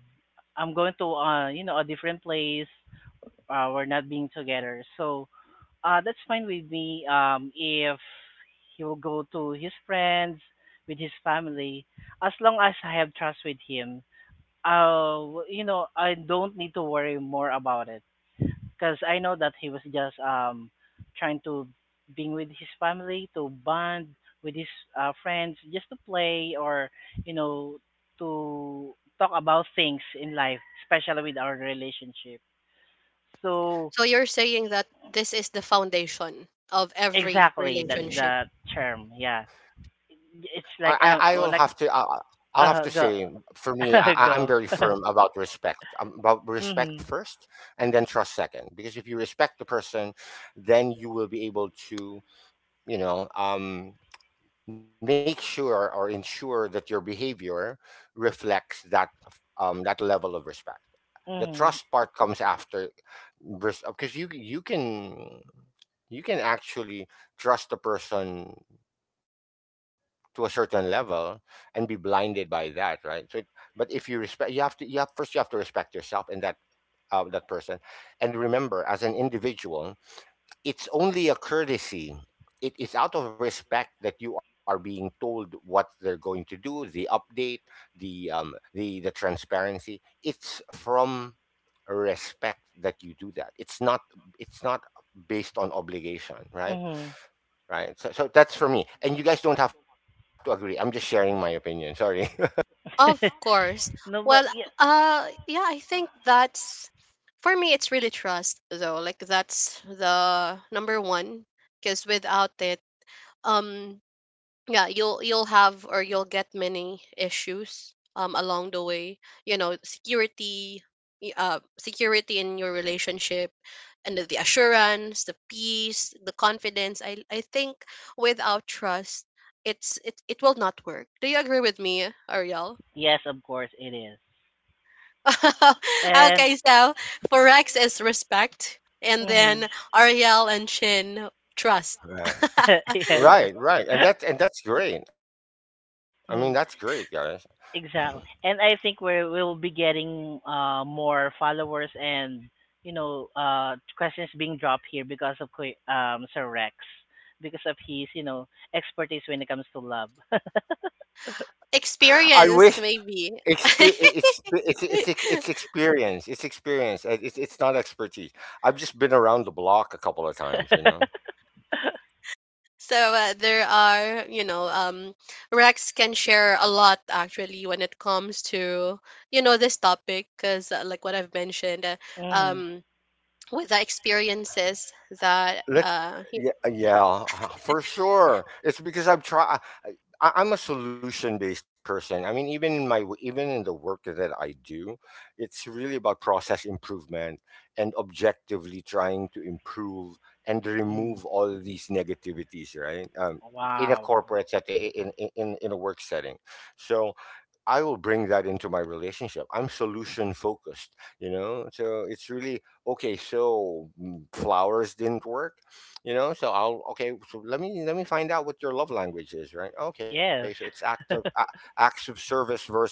I'm going to, uh, you know, a different place, we're not being together, so, that's fine with me. If he will go to his friends, with his family, as long as I have trust with him, you know, I don't need to worry more about it, because I know that he was just, um, trying to, being with his family to bond with his, friends, just to play, or, you know, to talk about things in life, especially with our relationship, so.
So you're saying that this is the foundation of every
Exactly, that's
relationship.
the term. Yeah, it's
I,
like,
I
oh,
will
like,
have to. I'll have to
go,
say, for me,
go.
I'm very firm about respect. About
Mhm,
respect first, and then trust second. Because if you respect the person, then you will be able to, you know, make sure or ensure that your behavior reflects that that level of respect. The
mhm,
trust part comes after, because you can, you can actually trust a person to a certain level and be blinded by that, right? So, it, but if you respect, you have to, you have first, you have to respect yourself and that that person, and remember, as an individual, it's only a courtesy. It is out of respect that you are being told what they're going to do, the update, the the transparency. It's from respect that you do that. It's not, it's not based on obligation, right?
mhm.
Right. So, so that's for me. And you guys don't have to agree. I'm just sharing my opinion. Sorry.
Of course.
No, but
Well,
yeah,
yeah, I think that's for me. It's really trust, though. Like that's the number one, because without it, um, yeah, you'll have or you'll get many issues along the way. You know, security, security in your relationship, and the assurance, the peace, the confidence. I think without trust, it's it it will not work. Do you agree with me, Ariel?
yes, of course it is, and
okay, so for Rex is respect, and
mhm,
then Ariel and Chin trust.
Right.
yes,
Right, right. And that's, and that's great. I mean, that's great, guys.
Mhm, exactly. And I think we will be getting, uh, more followers and, you know, uh, questions being dropped here because of Sir Rex, because of his, you know, expertise when it comes to love.
I
Experience,
wish.
maybe.
It's, it's experience. It's experience. It's not expertise. I've just been around the block a couple of times, you know.
so there are, you know, Rex can share a lot actually when it comes to, you know, this topic because, like what I've mentioned,
Mhm.
um, with the experiences that
Let, yeah, yeah, for sure. It's because I've tried. I'm a solution based person. I mean, even in my even in the work that I do, it's really about process improvement and objectively trying to improve and
Mhm.
remove all these negativities, right? In a
Wow.
corporate setting, in a work setting, so I will bring that into my relationship. I'm solution focused, you know? So it's really okay, so flowers didn't work, you know? So I'll okay, so let me find out what your love language is, right? Okay, so it's
Yes.
acts of service versus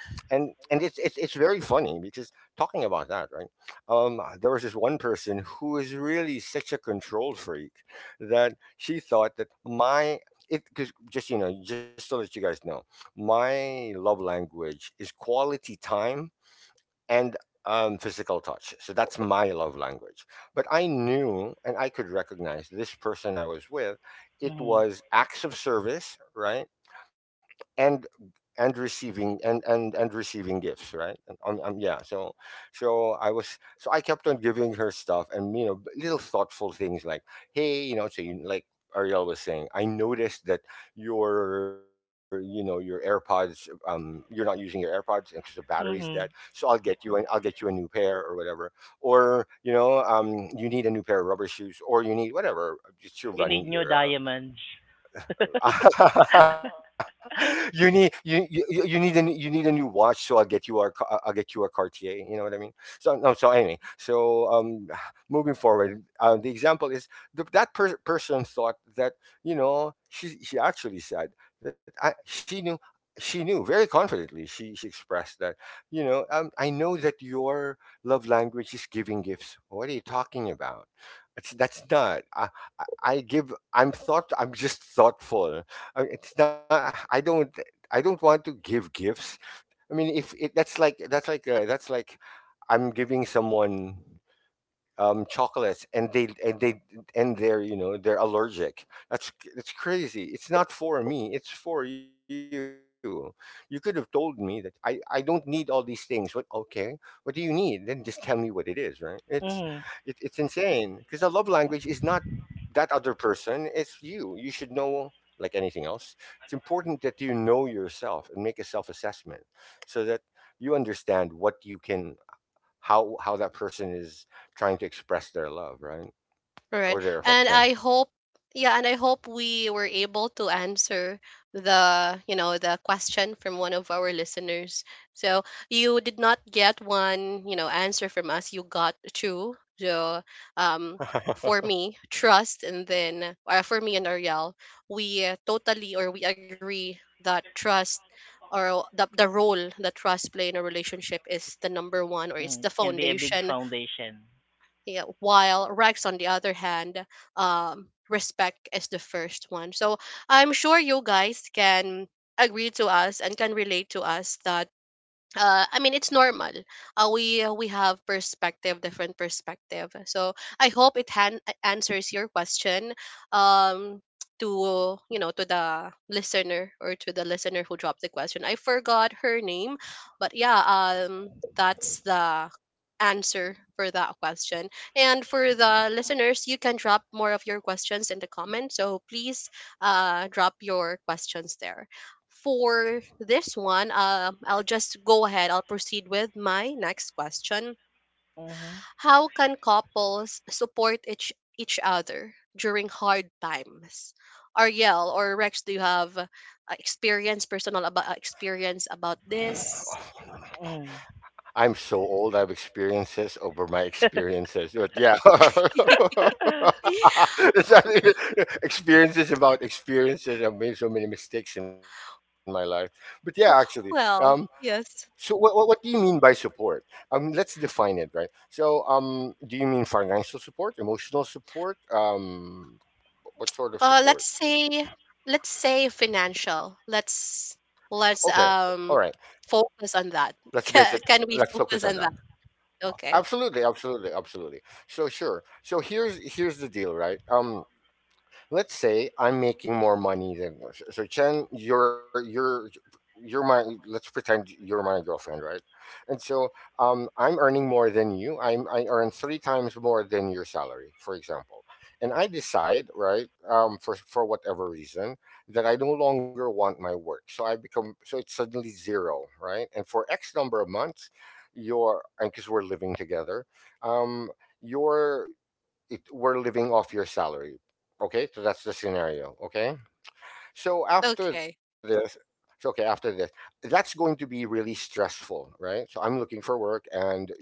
and it's very funny because talking about that, right? There was this one person who is really such a control freak that she thought that my it because just to let you guys know my love language is quality time and physical touch. So that's my love language. But I knew and I could recognize this person I was with, it
Mhm.
was acts of service, right? and and receiving and receiving gifts, right? And, yeah, so so I was so I kept on giving her stuff, and you know, little thoughtful things like, hey, you know, so you like Ariel was saying, I noticed that your, you know, your AirPods, you're not using your AirPods because the battery's dead, so
Mhm.
I'll get you a new pair or whatever, or you know, you need a new pair of rubber shoes, or you need whatever, it's your
You need
running
new
era.
diamonds.
You need you, you need a you need a new watch, so I'll get you a Cartier. You know what I mean? So no, so anyway, so moving forward, the example is that person thought that, you know, she actually said that I, she knew, she knew very confidently, she expressed that, you know, I know that your love language is giving gifts, what are you talking about? That's not. I give I'm thought I'm just thoughtful. I mean, it's not I don't I don't want to give gifts. I mean if it, that's like that's like I'm giving someone chocolates, and they're, you know, they're allergic. That's crazy. It's not for me. It's for you. You could have told me that I don't need all these things. What, okay? What do you need? Then just tell me what it is, right? It's
Mhm.
it's insane because a love language is not that other person. It's you. You should know. Like anything else, it's important that you know yourself and make a self assessment so that you understand what you can how that person is trying to express their love, right? Or
right.
their
And
affection.
I hope, yeah, and I hope we were able to answer the, you know, the question from one of our listeners. So you did not get one, you know, answer from us. You got two. So um for me, trust, and then for me and Ariel, we totally or we agree that trust or the role that trust play in a relationship is the number one or it's
Mhm.
the
Can be a big
foundation.
foundation.
Yeah, while Rex, on the other hand, respect is the first one. So I'm sure you guys can agree to us and can relate to us that I mean, it's normal. We we have perspective, different perspective. So I hope it answers your question, um, to you know, to the listener or to the listener who dropped the question. I forgot her name, but yeah, that's the answer for that question. And for the listeners, you can drop more of your questions in the comments. So please, drop your questions there. For this one, I'll just go ahead. I'll proceed with my next question.
Mhm.
How can couples support each other during hard times? Ariel or Rex, do you have experience, personal about experience about this?
I'm
Mhm.
so old. I have experiences over my experiences, but yeah, It's not- experiences about experiences. I've made so many mistakes in my life, but yeah, actually, um,
well,
so what, what do
yes.
you mean by support? Let's define it, right? So, do you mean financial support, emotional support? What sort of support?
Let's say, let's say financial. Let's
Okay. All right.
let's um
Let's
focus on
break it.
that.
Let's focus
Can
on
we
that.
focus on that? Okay.
Absolutely, absolutely, absolutely. So sure. So here's the deal, right? Let's say I'm making more money than so Chen, you're my let's pretend you're my girlfriend, right? And so I'm earning more than you. I earn 3 times more than your salary, for example. And I decide, right, for whatever reason, that I no longer want my work. So I become so it's suddenly zero, right? And for X number of months, your and because we're living together, um, your it we're living off your salary. Okay, so that's the scenario. Okay, so after
Okay.
this, so okay, after this, that's going to be really stressful, right? So I'm looking for work, and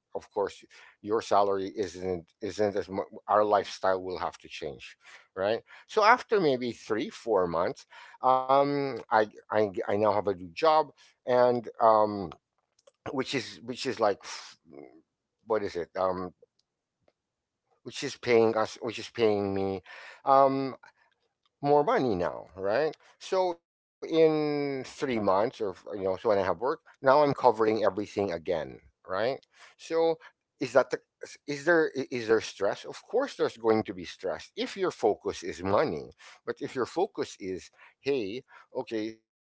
of course, your salary isn't as much. Our lifestyle will have to change, right? So after maybe 3 4 months, I now have a new job, and which is like. F- What is it? Which is paying us, which is paying me. Um, More money now, right? So in 3 months, or you know, so when I have work, now I'm covering everything again, right? So is that the, is there is there stress? Of course, there's going to be stress if your focus is money. But if your focus is, hey, okay, so,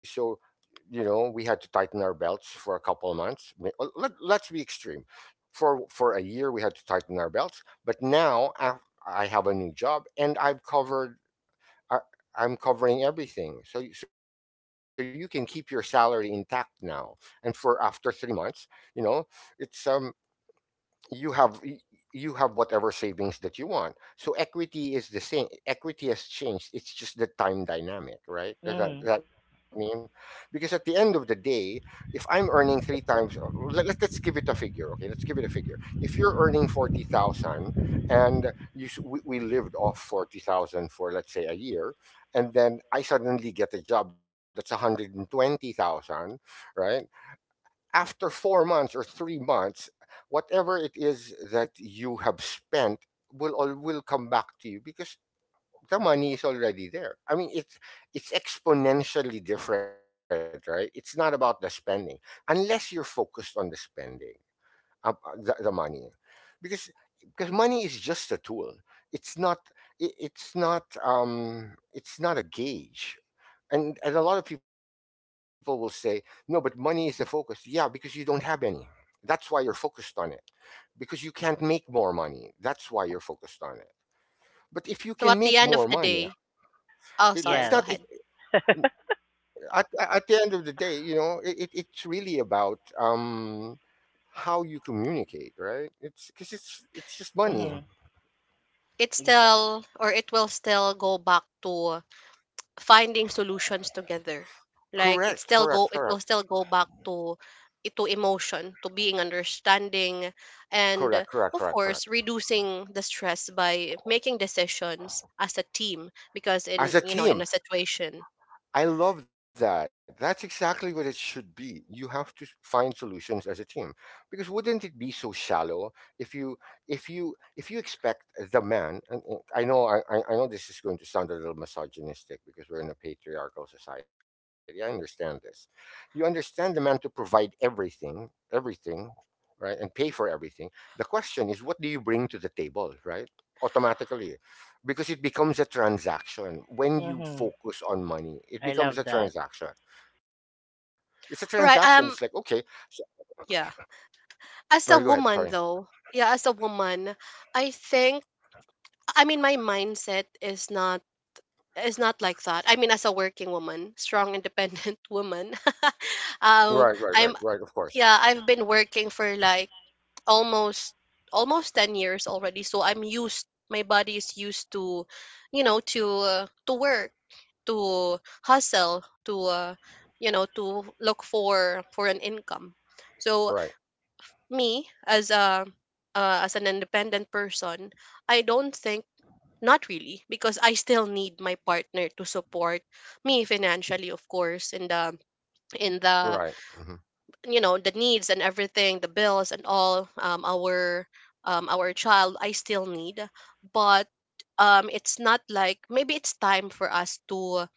you know, we had to tighten our belts for a couple of months. Let, let's be extreme for a year we had to tighten our belts, but now I have a new job and I've covered I, I'm covering everything. So so you can keep your salary intact now, and for after 3 months, you know, it's you have you have whatever savings that you want. So equity is the same. Equity has changed. It's just the time dynamic, right?
Mhm.
Does that mean? Because at the end of the day, if I'm earning 3 times, let, let's give it a figure, okay? Let's give it a figure. If you're earning 40,000 and we lived off 40,000 for let's say a year, and then I suddenly get a job that's 120,000, right? After 4 months or 3 months, whatever it is that you have spent will all will come back to you because the money is already there. I mean, it's exponentially different, right? It's not about the spending unless you're focused on the spending the money because because money is just a tool, it's not it's not it's not a gauge. And a lot of people will say no, but money is the focus, yeah, because you don't have any, that's why you're focused on it, because you can't make more money, that's why you're focused on it, but
So
if you
at the
can
end of
make
the
more
day,
money,
oh sorry,
Yes.
go
it,
ahead.
it's not at the end of the day, you know, it's really about how you communicate, right? It's because it's just
Mhm.
money.
It's
Exa-
still or it will still go back to finding solutions together. Like it still go it
Correct,
will
correct,
still go
correct,
back to emotion, to being understanding, and of
correct, correct,
course
correct, correct.
reducing the stress by making decisions as a team, because in you
As
know
a
in a
team,
situation.
I love that. That's exactly what it should be. You have to find solutions as a team. Because wouldn't it be so shallow if you if you expect the man and I know I know this is going to sound a little misogynistic because we're in a patriarchal society. I understand this. You understand the man to provide everything, everything, right? And pay for everything. The question is what do you bring to the table, right? Automatically, because it becomes a transaction, when you
Mhm.
focus on money it
I
becomes a
love that.
transaction, it's a transaction, it's like okay
Right. Um,
so,
yeah.
right, go ahead,
As a
sorry.
woman though, yeah, as a woman, I think, I mean my mindset is not, it's not like that. I mean, as a working woman, strong, independent woman,
Right right right right, of
um,
course.
I'm, yeah, I've been working for like almost almost 10 years already. So I'm used. My body is used to, you know, to work, to hustle, to you know, to look for an income. So
Right
me as a as an independent person, I don't think, not really, because I still need my partner to support me financially, of course,
right
in
hmm
the you know the needs and everything, the bills and all. Our child, I still need, but it's not like maybe it's time for us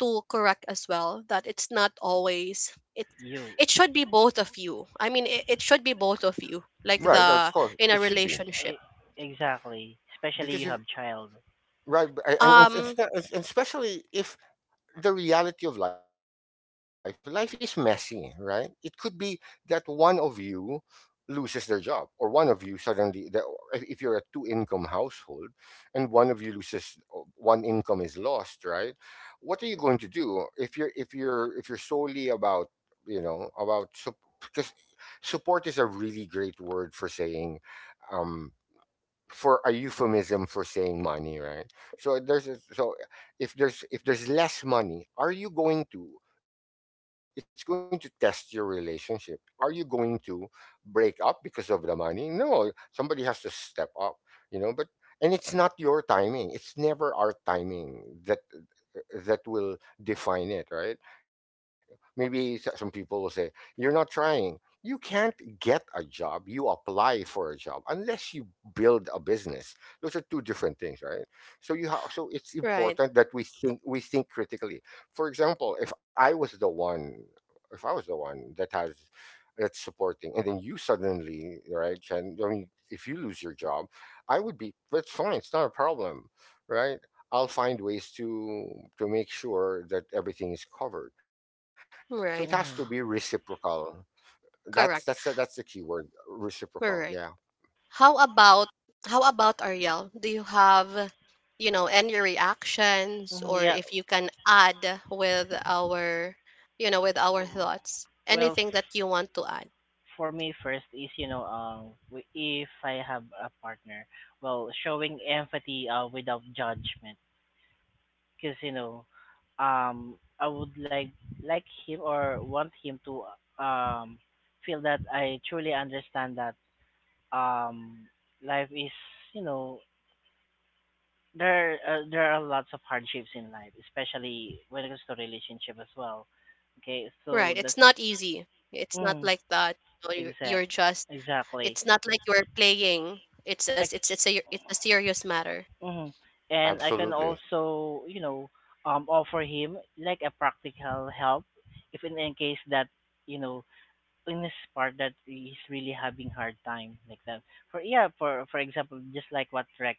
to correct as well that it's not always it,
You
it should be both of you. I mean, it should be both of you, like
right, right, of
the
course
in
it
a
should be
relationship.
e- exactly. Especially
because
you
you,
have child.
right, and,
Um,
especially if the reality of life is messy, right, it could be that one of you loses their job, or one of you suddenly that if you're a two income household and one of you loses, one income is lost, right, what are you going to do if you're if you're if you're solely about, you know, about because support is a really great word for saying um for a euphemism for saying money, right? So there's a, so if there's less money, are you going to it's going to test your relationship. Are you going to break up because of the money? No, somebody has to step up, you know, but and it's not your timing. It's never our timing that that will define it, right? Maybe some people will say you're not trying, you can't get a job, you apply for a job, unless you build a business, those are two different things, right? So you have so it's important that
right,
we think critically, for example, if I was the one, if I was the one that has that's supporting, and then you suddenly right Chen, I mean if you lose your job, I would be that's fine, it's not a problem, right, I'll find ways to make sure that everything is covered. So it has to be
right,
Mhm.
reciprocal. That's the key
correct.
word, reciprocal. Yeah,
Right. How about how about Ariel? Do you have, you know, any reactions
Mhm.
or
Yeah.
if you can add with our, you know, with our thoughts?
Well,
Anything that you want to add?
for me first is, you know, um, if I have a partner, well, showing empathy, uh, without judgment, because, you know, um, I would like him or want him to, um, feel that I truly understand that, um, life is, you know, there, there are lots of hardships in life, especially when it comes to relationship as well. Okay, so
Right.
that's,
It's not easy. It's not
mm,
like that. You know,
exact
you're just.
exactly.
It's not like you're playing. It's as it's a serious matter.
Hmm. And I
absolutely.
can also, you know, offer him like a practical help, if in, in case that, you know, in this part that he's really having hard time like that. For, yeah, for example, just like what Rex,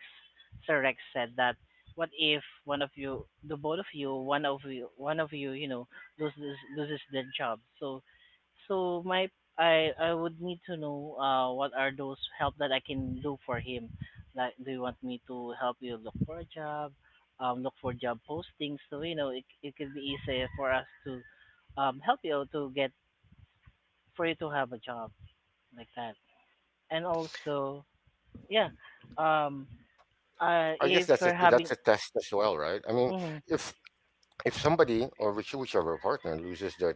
Sir Rex said, that what if one of you, the both of you one of you one of you, you know, loses their job, so, so my, I would need to know, uh, what are those help that I can do for him. Like, do you want me to help you look for a job, um, look for job postings, so you know, it could be easier for us to, um, help you to get, for you to have a job, like that. And also, yeah, um,
I guess
if you're
that's a
having,
test as well, right? I mean,
mhm,
if if somebody or which whichever partner loses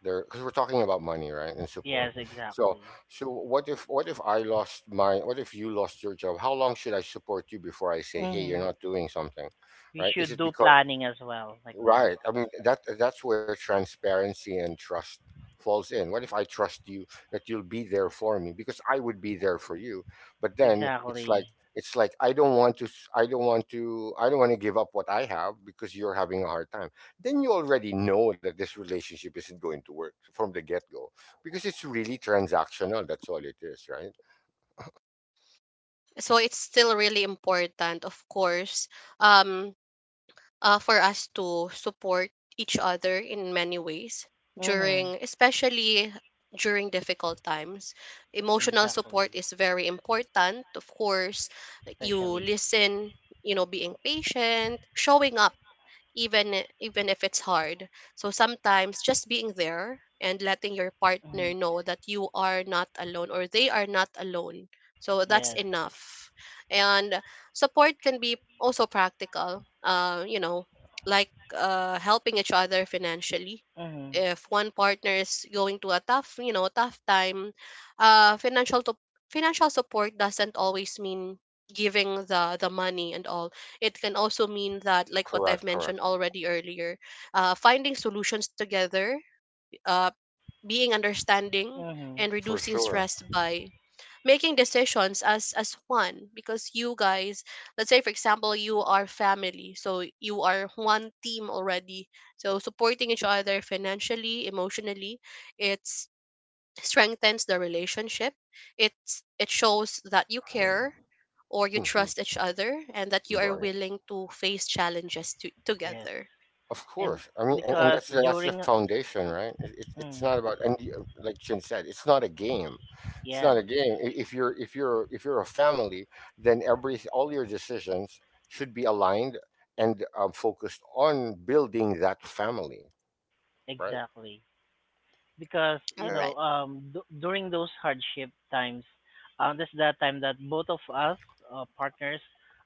their because we're talking about money, right, and support.
yes,
So
exactly.
so what if I lost my what if you lost your job? How long should I support you before I say, hey, you're
Hmm.
not doing something,
We
right? Is
should
it
do
because
planning as well, like that.
right. I mean that that's where transparency and trust falls in. What if I trust you that you'll be there for me, because I would be there for you. But then
Exactly.
it's like I don't want to I don't want to I don't want to give up what I have because you're having a hard time. Then you already know that this relationship isn't going to work from the get-go because it's really transactional. That's all it is, right?
So it's still really important, of course. Um, for us to support each other in many ways
Hmm.
during, especially during difficult times, emotional support
Exactly.
is very important, of course. You
Especially.
listen, you know, being patient, showing up, even even if it's hard. So sometimes just being there and letting your
Hmm.
partner know that you are not alone or they are not alone. So that's
Yes.
enough. And support can be also practical. You know, like helping each other financially.
Hmm.
If one partner is going to a tough, you know, tough time, uh, financial to- financial support doesn't always mean giving the money and all. It can also mean that, like what
Correct,
I've
correct.
mentioned already earlier, finding solutions together, uh, being understanding,
Hmm.
and
For
reducing
sure.
stress by making decisions as one, because you guys, let's say for example, you are family, so you are one team already. So supporting each other financially, emotionally, it's strengthens the relationship. It's, it shows that you care or you
Hmm.
trust each other and that you are
Right.
willing to face challenges to,
Yes.
together.
Of
And
course. I mean, and
because
that's the
during,
foundation, right? It, it's
mm,
not about and the- like Chin said, it's not a game. It's
yes,
not a game. If you're if you're if you're a family, then every all your decisions should be aligned and focused on building that family, right?
exactly, because, you
All
know,
right.
um, during those hardship times, um, that's that time that both of us, partners,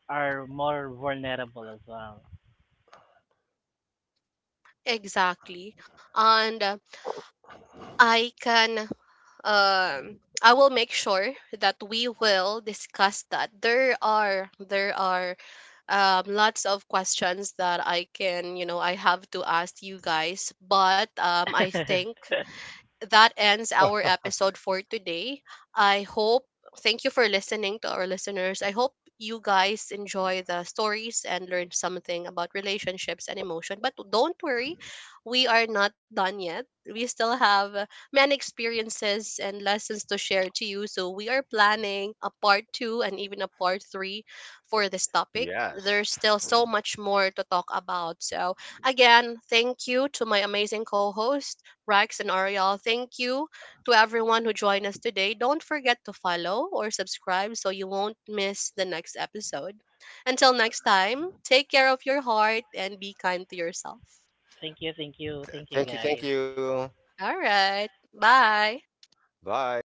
are more vulnerable as well.
Exactly. And I can um, I will make sure that we will discuss that. There are lots of questions that I can you know I have to ask you guys, but I think that ends our episode for today. I hope, thank you for listening to our listeners. I hope you guys enjoy the stories and learn something about relationships and emotion. But don't worry, we are not done yet. We still have many experiences and lessons to share to you. So we are planning a part two and even a part three for this topic.
Yes.
There's still so much more to talk about. So, again, thank you to my amazing co host, Rex and Ariel. Thank you to everyone who joined us today. Don't forget to follow or subscribe so you won't miss the next episode. Until next time, take care of your heart and be kind to yourself.
Thank you, thank you, thank you
Thank you. Thank
guys.
you.
All right. Bye.
Bye.